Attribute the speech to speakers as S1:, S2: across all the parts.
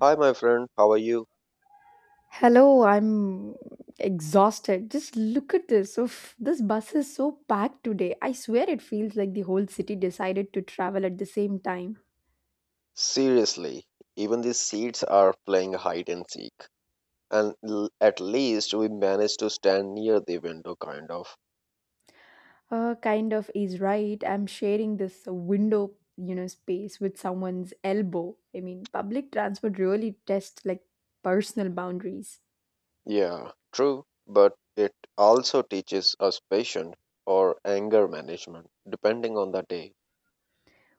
S1: Hi, my friend. How are you?
S2: Hello, I'm exhausted. Just look at this. Oof, this bus is so packed today. I swear it feels like the whole city decided to travel at the same time.
S1: Seriously, even the seats are playing hide and seek. At least we managed to stand near the window, kind of.
S2: Kind of is right. I'm sharing this window, space with someone's elbow. I mean, public transport really tests like personal boundaries.
S1: Yeah, true. But it also teaches us patience or anger management, depending on the day.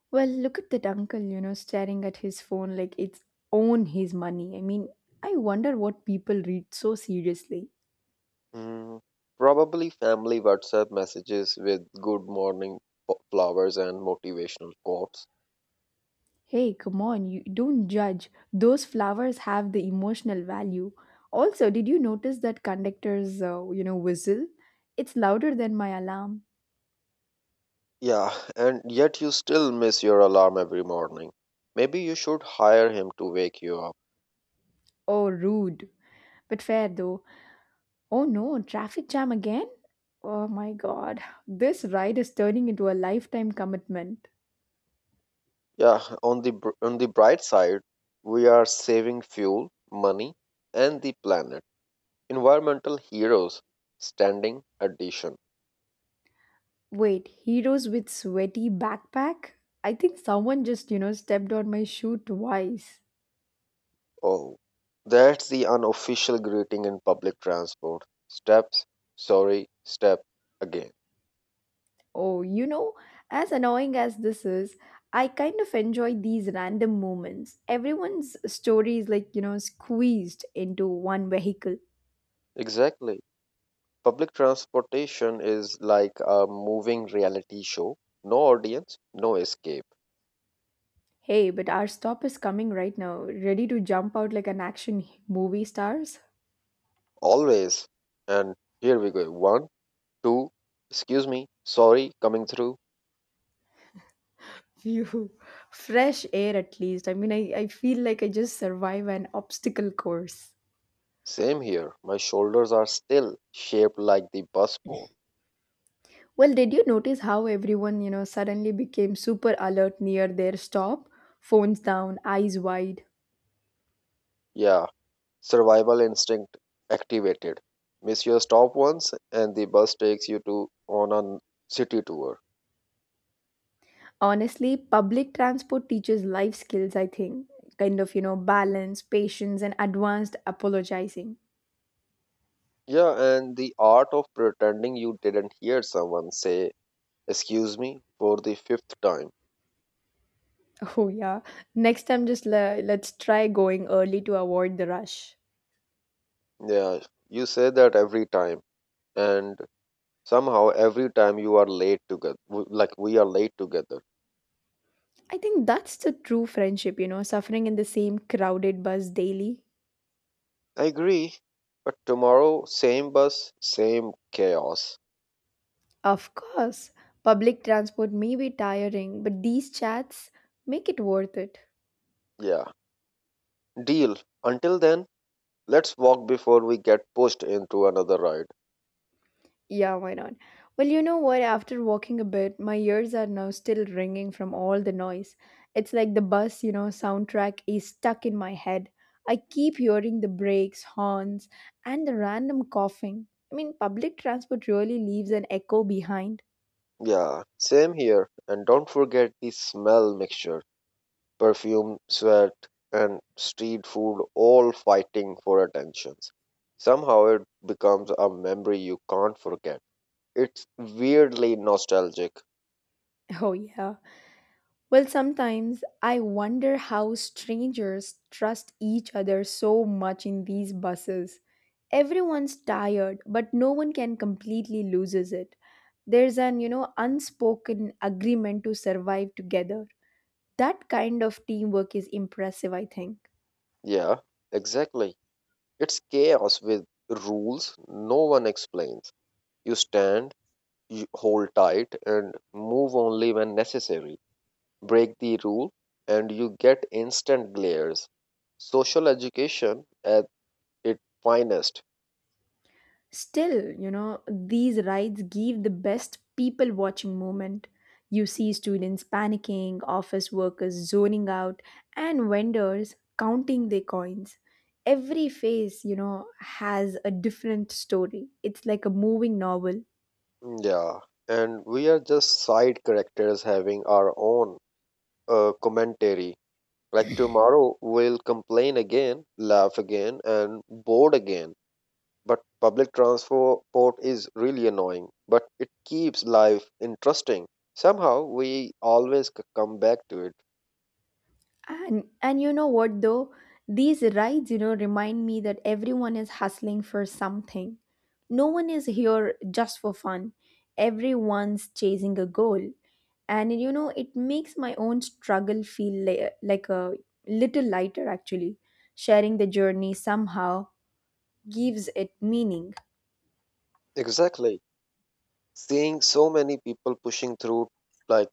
S2: Well, look at that uncle, staring at his phone like it's own his money. I mean, I wonder what people read so seriously.
S1: Hmm, probably family WhatsApp messages with good morning flowers and motivational quotes.
S2: Hey, come on, you don't judge. Those flowers have the emotional value. Also, did you notice that conductor's, whistle? It's louder than my alarm.
S1: Yeah, and yet you still miss your alarm every morning. Maybe you should hire him to wake you up.
S2: Oh, rude. But fair though. Oh no, traffic jam again? Oh my god. This ride is turning into a lifetime commitment.
S1: Yeah, on the bright side, we are saving fuel, money, and the planet. Environmental heroes, standing addition.
S2: Wait, heroes with sweaty backpack? I think someone just, stepped on my shoe twice.
S1: Oh, that's the unofficial greeting in public transport. Steps, sorry, step again.
S2: Oh, as annoying as this is, I kind of enjoy these random moments. Everyone's story is like, squeezed into one vehicle.
S1: Exactly. Public transportation is like a moving reality show. No audience, no escape.
S2: Hey, but our stop is coming right now. Ready to jump out like an movie stars?
S1: Always. And here we go. One, two. Excuse me. Sorry, coming through.
S2: Phew. Fresh air, at least. I mean, I feel like I just survive an obstacle course.
S1: Same here. My shoulders are still shaped like the bus bone.
S2: Well, did you notice how everyone, suddenly became super alert near their stop? Phones down, eyes wide.
S1: Yeah, survival instinct activated. Miss your stop once, and the bus takes you to on a city tour.
S2: Honestly, public transport teaches life skills, I think. Kind of, balance, patience, and advanced apologizing.
S1: Yeah, and the art of pretending you didn't hear someone say "excuse me" for the fifth time.
S2: Oh, yeah. Next time, just let's try going early to avoid the rush.
S1: Yeah, you say that every time, and somehow every time you are late together. Like we are late together.
S2: I think that's the true friendship, suffering in the same crowded bus daily.
S1: I agree. But tomorrow, same bus, same chaos.
S2: Of course, public transport may be tiring, but these chats make it worth it.
S1: Yeah, deal. Until then, let's walk before we get pushed into another ride.
S2: Yeah, why not? Well, you know what? After walking a bit, my ears are now still ringing from all the noise. It's like the bus, soundtrack is stuck in my head. I keep hearing the brakes, horns, and the random coughing. I mean, public transport really leaves an echo behind.
S1: Yeah, same here. And don't forget the smell mixture perfume, sweat, and street food all fighting for attention. Somehow it becomes a memory you can't forget. It's weirdly nostalgic.
S2: Oh, yeah. Well, sometimes I wonder how strangers trust each other so much in these buses. Everyone's tired, but no one can completely loses it. There's an unspoken agreement to survive together. That kind of teamwork is impressive, I think.
S1: Yeah, exactly. It's chaos with rules no one explains. You stand, you hold tight, and move only when necessary. Break the rule and you get instant glares. Social education at its finest.
S2: Still, these rides give the best people watching moment. You see students panicking, office workers zoning out, and vendors counting their coins. Every face, has a different story. It's like a moving novel.
S1: Mm, yeah, and we are just side characters having our own commentary. Like tomorrow, we'll complain again, laugh again, and bored again. But public transport is really annoying, but it keeps life interesting. Somehow, we always come back to it.
S2: And you know what though? These rides, remind me that everyone is hustling for something. No one is here just for fun. Everyone's chasing a goal. And you know, it makes my own struggle feel like a little lighter actually. Sharing the journey somehow gives it meaning.
S1: Exactly. Seeing so many people pushing through like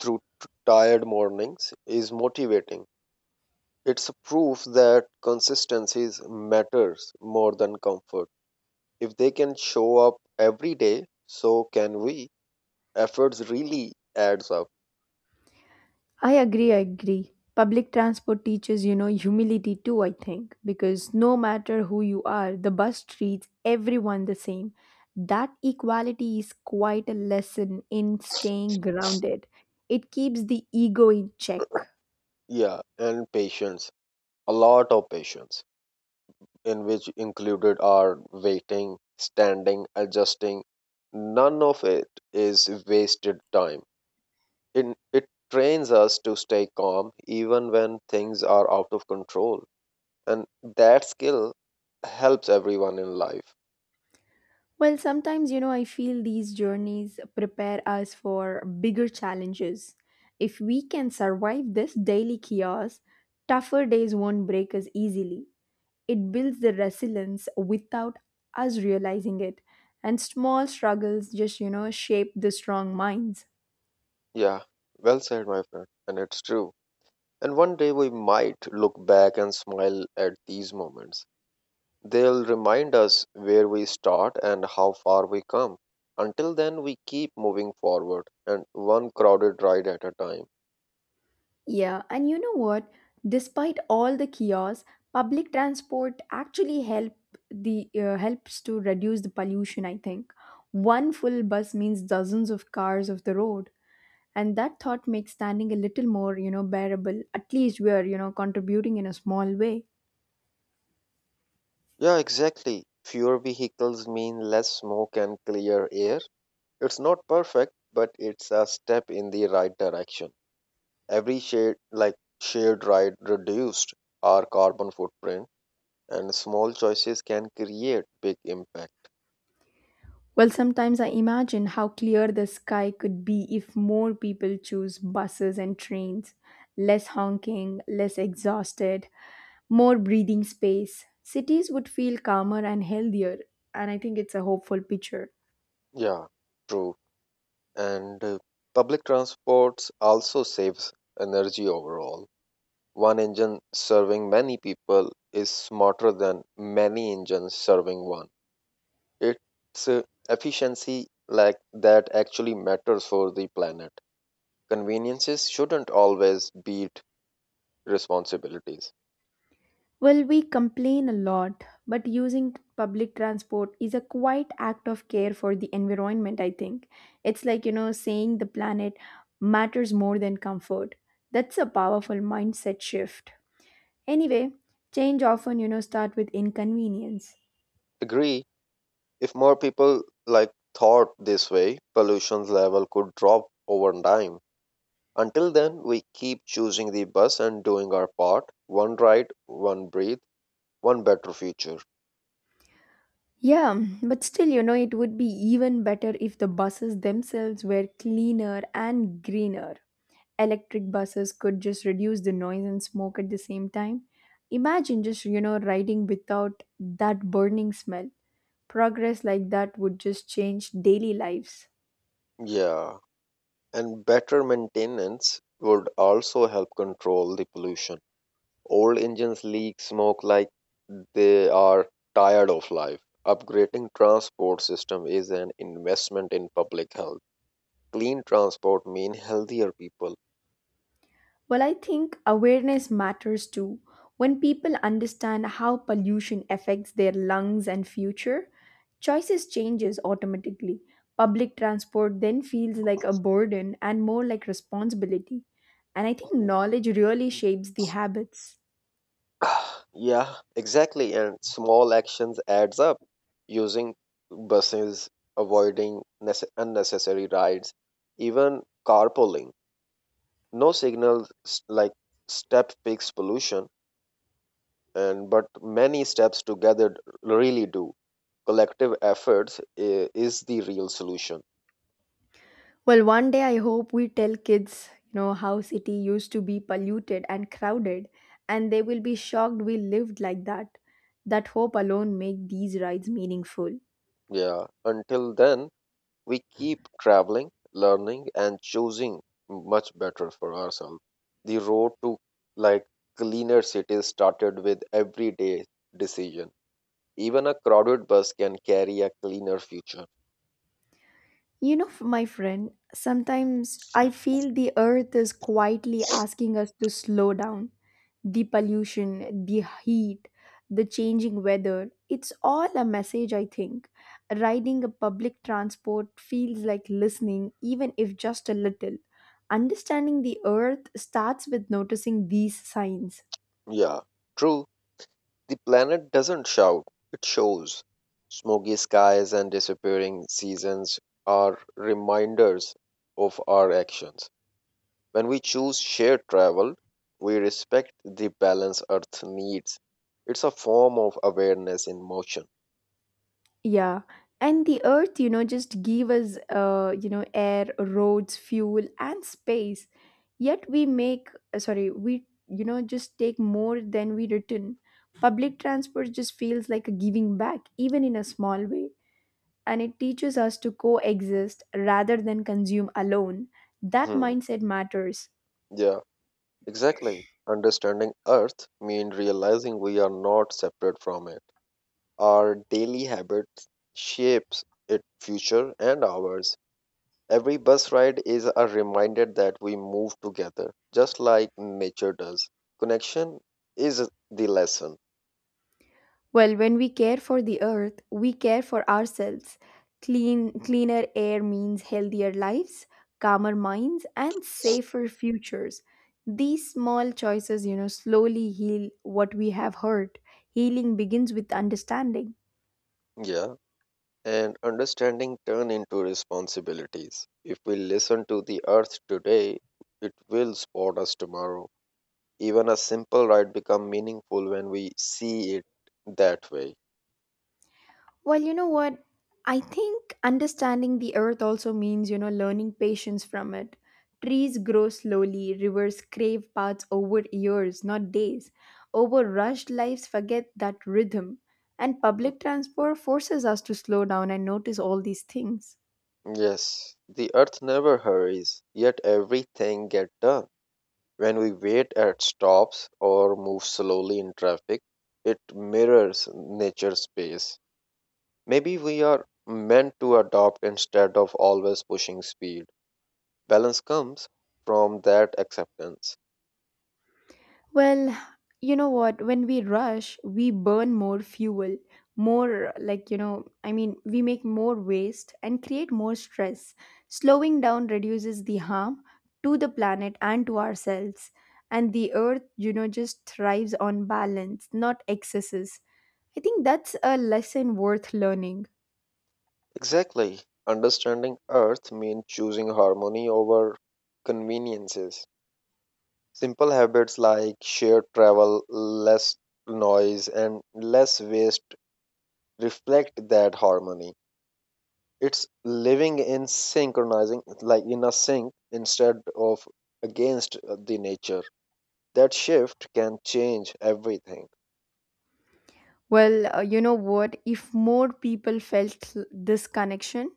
S1: through tired mornings is motivating. It's a proof that consistency matters more than comfort. If they can show up every day, so can we. Efforts really adds up.
S2: I agree. Public transport teaches, humility too, I think, because no matter who you are, the bus treats everyone the same. That equality is quite a lesson in staying grounded. It keeps the ego in check.
S1: Yeah, and patience. A lot of patience, in which included are waiting, standing, adjusting. None of it is wasted time in, it trains us to stay calm even when things are out of control, and that skill helps everyone in life.
S2: Well, sometimes, I feel these journeys prepare us for bigger challenges. If we can survive this daily chaos, tougher days won't break us easily. It builds the resilience without us realizing it. And small struggles just, shape the strong minds.
S1: Yeah, well said, my friend, and it's true. And one day we might look back and smile at these moments. They'll remind us where we start and how far we come. Until then, we keep moving forward and one crowded ride at a time.
S2: Yeah, and you know what? Despite all the chaos, public transport actually help the helps to reduce the pollution, I think. One full bus means dozens of cars off the road, and that thought makes standing a little more, bearable. At least we are, contributing in a small way.
S1: Yeah, exactly, fewer vehicles mean less smoke and clear air. It's not perfect, but it's a step in the right direction. Every shade, like shared ride, reduced our carbon footprint, and small choices can create big impact.
S2: Well, sometimes I imagine how clear the sky could be if more people choose buses and trains. Less honking, less exhausted, more breathing space. Cities would feel calmer and healthier, and I think it's a hopeful picture.
S1: Yeah, true. And public transports also saves energy overall. One engine serving many people is smarter than many engines serving one. It's efficiency like that actually matters for the planet. Conveniences shouldn't always beat responsibilities.
S2: Well, we complain a lot, but using public transport is a quite act of care for the environment, I think. It's like, saying the planet matters more than comfort. That's a powerful mindset shift. Anyway, change often, start with inconvenience.
S1: Agree, if more people like thought this way, pollution's level could drop over time. Until then, we keep choosing the bus and doing our part, one ride, one breathe, one better future.
S2: Yeah, but still, it would be even better if the buses themselves were cleaner and greener. Electric buses could just reduce the noise and smoke at the same time. Imagine just, riding without that burning smell. Progress like that would just change daily lives.
S1: Yeah, and better maintenance would also help control the pollution. Old engines leak smoke like they are tired of life. Upgrading transport system is an investment in public health. Clean transport mean healthier people.
S2: Well, I think awareness matters too. When people understand how pollution affects their lungs and future, choices changes automatically. Public transport then feels like a burden and more like responsibility. And I think knowledge really shapes the habits.
S1: Yeah, exactly. And small actions adds up. Using buses, avoiding unnecessary rides, even carpooling. No signals like step fix pollution, and but many steps together really do. Collective efforts is the real solution.
S2: Well, one day I hope we tell kids, how city used to be polluted and crowded, and they will be shocked we lived like that. That hope alone make these rides meaningful.
S1: Yeah. Until then, we keep traveling, learning, and choosing much better for ourselves. The road to like cleaner cities started with everyday decision. Even a crowded bus can carry a cleaner future.
S2: You know, my friend, sometimes I feel the earth is quietly asking us to slow down. The pollution, the heat, the changing weather, it's all a message, I think. Riding a public transport feels like listening, even if just a little. Understanding the earth starts with noticing these signs.
S1: Yeah, true. The planet doesn't shout, it shows. Smoky skies and disappearing seasons are reminders of our actions. When we choose shared travel, we respect the balance Earth needs. It's a form of awareness in motion.
S2: Yeah, and the earth, just give us, air, roads, fuel, and space. Yet we make, sorry, we, just take more than we return. Public transport just feels like a giving back, even in a small way. And it teaches us to coexist rather than consume alone. That
S1: Hmm.
S2: mindset matters.
S1: Yeah, exactly. Understanding Earth means realizing we are not separate from it. Our daily habits shapes its future and ours. Every bus ride is a reminder that we move together, just like nature does. Connection is the lesson.
S2: Well, when we care for the earth, we care for ourselves. Clean, cleaner air means healthier lives, calmer minds, and safer futures. These small choices, slowly heal what we have hurt. Healing begins with understanding.
S1: Yeah, and understanding turn into responsibilities. If we listen to the earth today, it will support us tomorrow. Even a simple ride become meaningful when we see it that way.
S2: Well, you know what? I think understanding the earth also means, learning patience from it. Trees grow slowly, rivers crave paths over years, not days. Over rushed lives, forget that rhythm. And public transport forces us to slow down and notice all these things.
S1: Yes, the earth never hurries, yet everything get done. When we wait at stops or move slowly in traffic, it mirrors nature's pace. Maybe we are meant to adopt instead of always pushing speed. Balance comes from that acceptance.
S2: Well, you know what? When we rush, we burn more fuel, more like, I mean, we make more waste and create more stress. Slowing down reduces the harm to the planet and to ourselves. And the earth, just thrives on balance, not excesses. I think that's a lesson worth learning.
S1: Exactly. Understanding earth means choosing harmony over conveniences. Simple habits like shared travel, less noise, and less waste reflect that harmony. It's living in synchronizing, like in a sync instead of against the nature. That shift can change everything.
S2: Well, you know what? If more people felt this connection,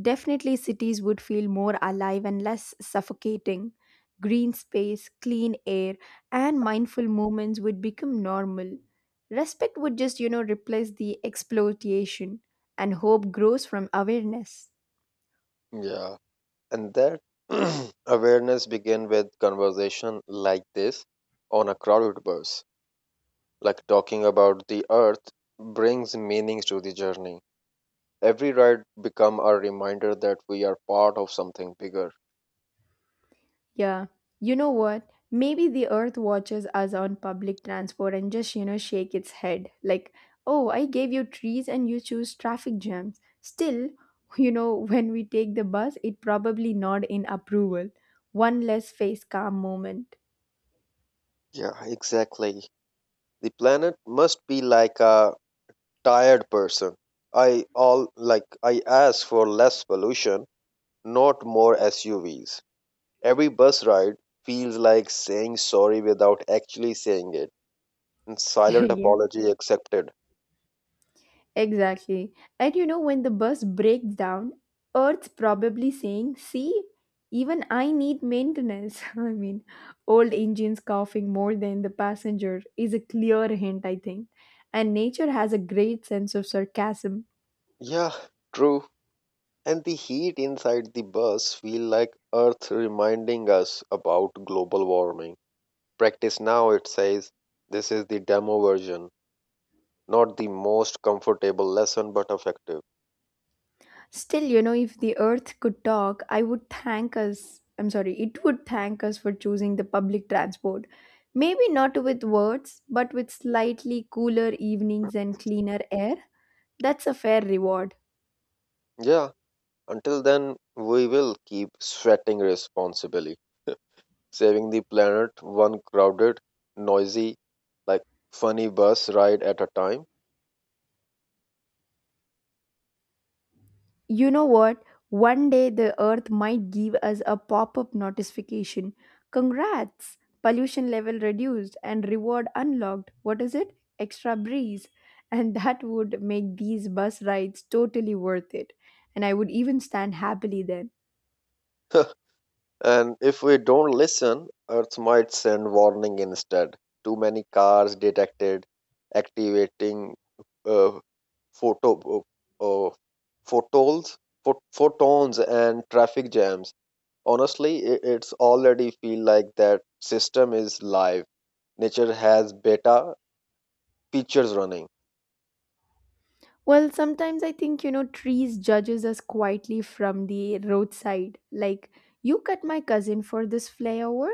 S2: definitely cities would feel more alive and less suffocating. Green space, clean air, and mindful movements would become normal. Respect would just, replace the exploitation, and hope grows from awareness.
S1: Yeah. And that awareness began with conversation like this on a crowded bus. Like talking about the earth brings meaning to the journey. Every ride become a reminder that we are part of something bigger.
S2: Yeah. You know what? Maybe the earth watches us on public transport and just, shake its head. Like, oh, I gave you trees and you choose traffic jams. Still, when we take the bus, it probably nod in approval. One less face calm moment.
S1: Yeah, exactly. The planet must be like a tired person. I all like I ask for less pollution, not more SUVs. Every bus ride feels like saying sorry without actually saying it. And silent
S2: Yeah.
S1: apology accepted.
S2: Exactly. And you know, when the bus breaks down, Earth's probably saying, see, even I need maintenance. I mean, old engines coughing more than the passenger is a clear hint, I think. And nature has a great sense of sarcasm.
S1: Yeah, true. And the heat inside the bus feel like Earth reminding us about global warming. Practice now, it says. This is the demo version. Not the most comfortable lesson, but effective.
S2: Still, if the Earth could talk, I would thank us. I'm sorry, it would thank us for choosing the public transport. Maybe not with words, but with slightly cooler evenings and cleaner air. That's a fair reward.
S1: Yeah, until then, we will keep sweating responsibly, saving the planet one crowded, noisy, like funny bus ride at a time.
S2: You know what? One day the earth might give us a pop up notification. Congrats! Pollution level reduced and reward unlocked. What is it? Extra breeze. And that would make these bus rides totally worth it. And I would even stand happily then.
S1: And if we don't listen, Earth might send warning instead. Too many cars detected, activating uh, photo uh, photons, photons and traffic jams. Honestly, it's already feel like that system is live. Nature has beta features running.
S2: Well, sometimes I think, trees judges us quietly from the roadside. Like, you cut my cousin for this flyover?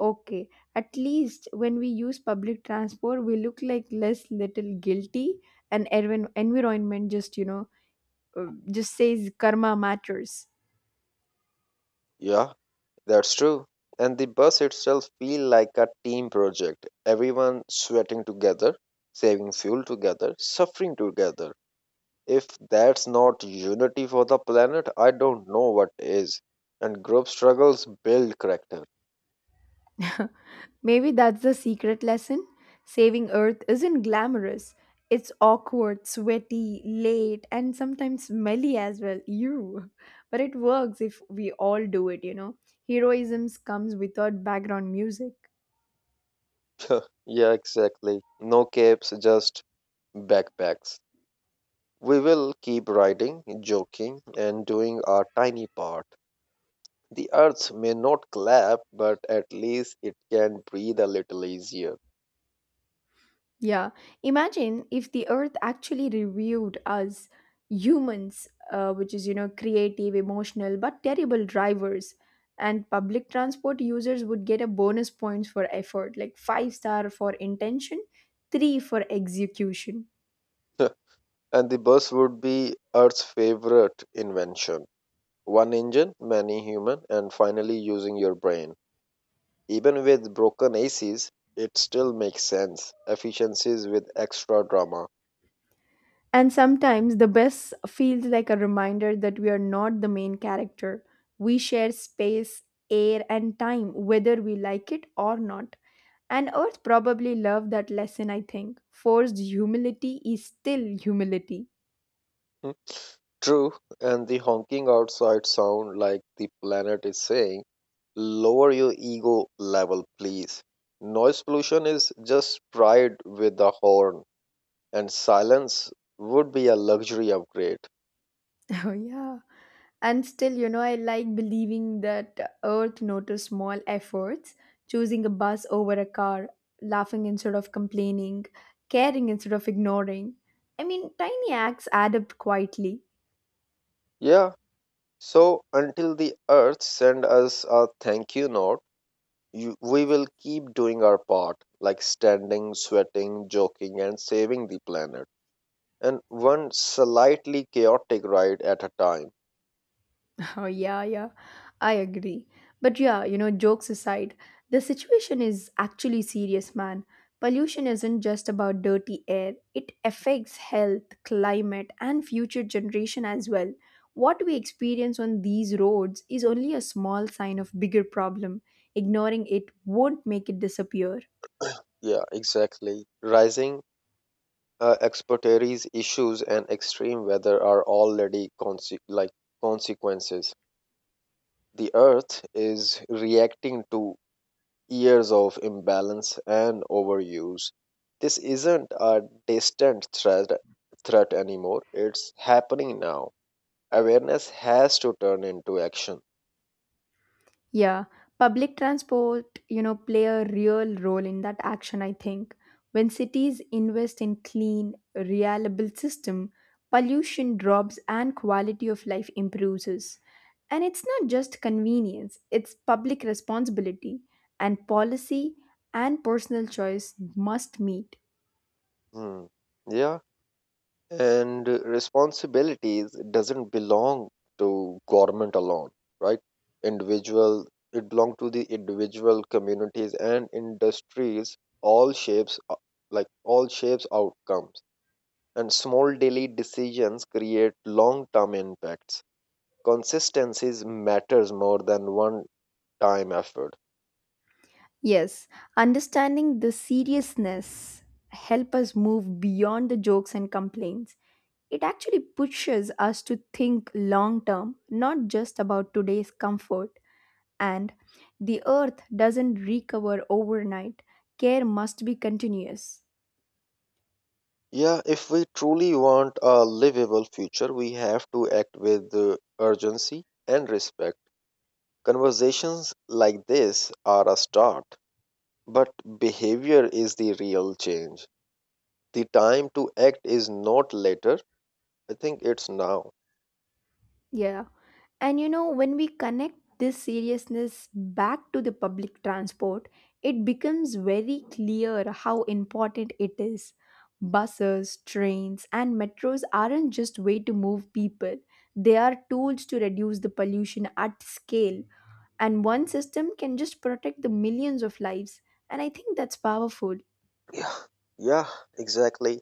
S2: Okay, at least when we use public transport, we look like less little guilty and environment just, uh, just says karma matters.
S1: Yeah. That's true. And the bus itself feel like a team project. Everyone sweating together, saving fuel together, suffering together. If that's not unity for the planet, I don't know what is. And group struggles build character.
S2: Maybe that's the secret lesson. Saving Earth isn't glamorous. It's awkward, sweaty, late, and sometimes smelly as well. You. But it works if we all do it, you know. Heroism comes without background music.
S1: Yeah, exactly. No capes, just backpacks. We will keep riding, joking, and doing our tiny part. The earth may not clap, but at least it can breathe a little easier.
S2: Yeah. Imagine if the earth actually reviewed us humans, which is, creative, emotional, but terrible drivers. And public transport users would get a bonus points for effort, like five star for intention, three for execution.
S1: And the bus would be Earth's favorite invention. One engine, many human, and finally using your brain. Even with broken ACs, it still makes sense. Efficiencies with extra drama.
S2: And sometimes the best feels like a reminder that we are not the main character. We share space, air, and time, whether we like it or not. And Earth probably loved that lesson, I think. Forced humility is still humility.
S1: Hmm. True, and the honking outside sound like the planet is saying, lower your ego level, please. Noise pollution is just pride with a horn, and silence would be a luxury upgrade.
S2: Oh, yeah. And still, I like believing that Earth noticed small efforts, choosing a bus over a car, laughing instead of complaining, caring instead of ignoring. I mean, tiny acts add up quietly.
S1: Yeah, so until the earth send us a thank you note, you, we will keep doing our part, like standing, sweating, joking, and saving the planet. And one slightly chaotic ride at a time.
S2: Oh, yeah, yeah, I agree. But yeah, jokes aside, the situation is actually serious, man. Pollution isn't just about dirty air, it affects health, climate, and future generation as well. What we experience on these roads is only a small sign of bigger problem. Ignoring it won't make it disappear.
S1: Yeah, exactly. Rising expertise issues and extreme weather are already consequences. The earth is reacting to years of imbalance and overuse. This isn't a distant threat anymore. It's happening now. Awareness has to turn into action.
S2: Yeah, public transport, play a real role in that action, I think. When cities invest in clean, reliable system, pollution drops and quality of life improves. And it's not just convenience, it's public responsibility and policy and personal choice must meet.
S1: Hmm. Yeah, and responsibilities doesn't belong to government alone, right? Individual, it belong to the individual communities and industries. All shapes outcomes and small daily decisions create long term impacts. Consistency matters more than one time effort.
S2: Yes, understanding the seriousness help us move beyond the jokes and complaints. It actually pushes us to think long term, not just about today's comfort. And the earth doesn't recover overnight. Care must be continuous.
S1: Yeah, if we truly want a livable future, we have to act with urgency and respect. Conversations like this are a start, but behavior is the real change. The time to act is not later, I think it's now.
S2: Yeah. And you know, when we connect this seriousness back to the public transport, it becomes very clear how important it is. Buses, trains, and metros aren't just way to move people. They are tools to reduce the pollution at scale, and one system can just protect the millions of lives. And I think that's powerful.
S1: Yeah, yeah, exactly.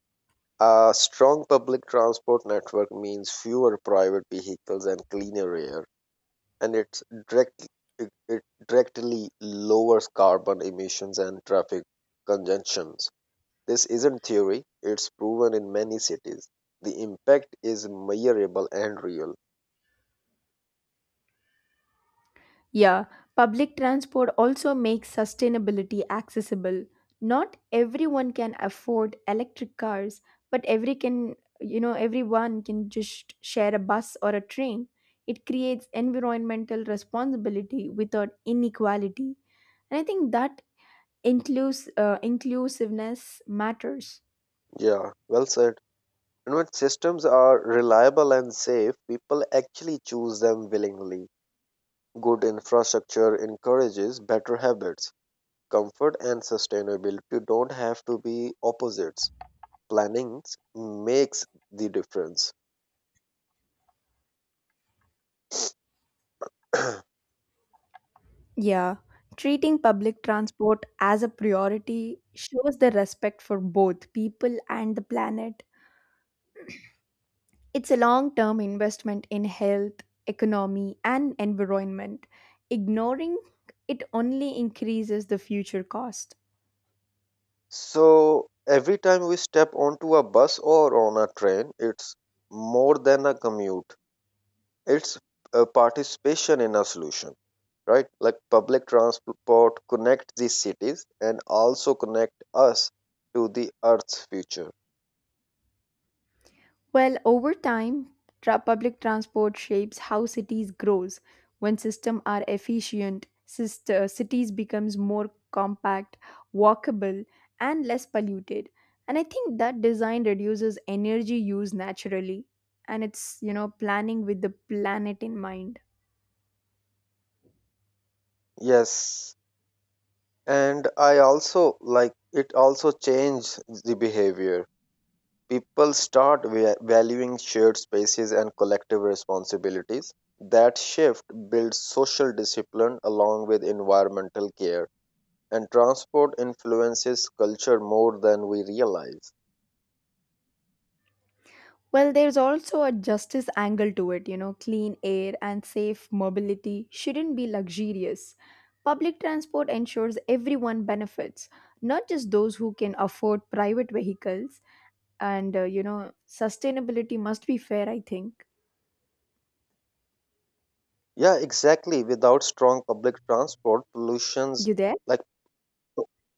S1: A strong public transport network means fewer private vehicles and cleaner air, and direct, it directly lowers carbon emissions and traffic congestions. This isn't theory, it's proven in many cities. The impact is measurable and real.
S2: Yeah, public transport also makes sustainability accessible. Not everyone can afford electric cars, but every can you know everyone can just share a bus or a train. It creates environmental responsibility without inequality, and I think that inclusiveness matters.
S1: Yeah, well said. And when systems are reliable and safe, people actually choose them willingly. Good infrastructure encourages better habits. Comfort and sustainability don't have to be opposites. Planning makes the difference.
S2: Yeah, treating public transport as a priority shows the respect for both people and the planet. It's a long term investment in health, economy, and environment. Ignoring it only increases the future cost.
S1: So every time we step onto a bus or on a train, it's more than a commute. It's a participation in a solution, right? Like public transport connects these cities and also connect us to the Earth's future.
S2: Well, over time, public transport shapes how cities grows. When systems are efficient, cities becomes more compact, walkable, and less polluted. And I think that design reduces energy use naturally, and it's you know planning with the planet in mind.
S1: Yes, and I also like it also changed the behavior. People start valuing shared spaces and collective responsibilities. That shift builds social discipline along with environmental care, and transport influences culture more than we realize.
S2: Well, there's also a justice angle to it, clean air and safe mobility shouldn't be luxurious. Public transport ensures everyone benefits, not just those who can afford private vehicles. And, you know, sustainability must be fair, I think.
S1: Yeah, exactly. Without strong public transport, pollutions
S2: You there?
S1: like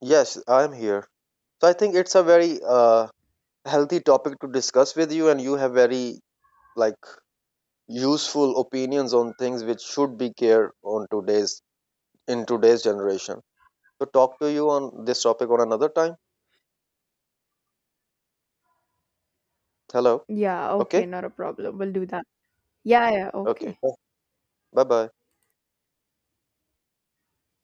S1: Yes, I'm here. So I think it's a very healthy topic to discuss with you, and you have very like useful opinions on things which should be care on today's in today's generation. To talk to you on this topic on another time. Hello.
S2: Yeah, okay,
S1: Okay.
S2: not a problem. We'll do that. Yeah, yeah,
S1: Okay.
S2: okay.
S1: Bye bye.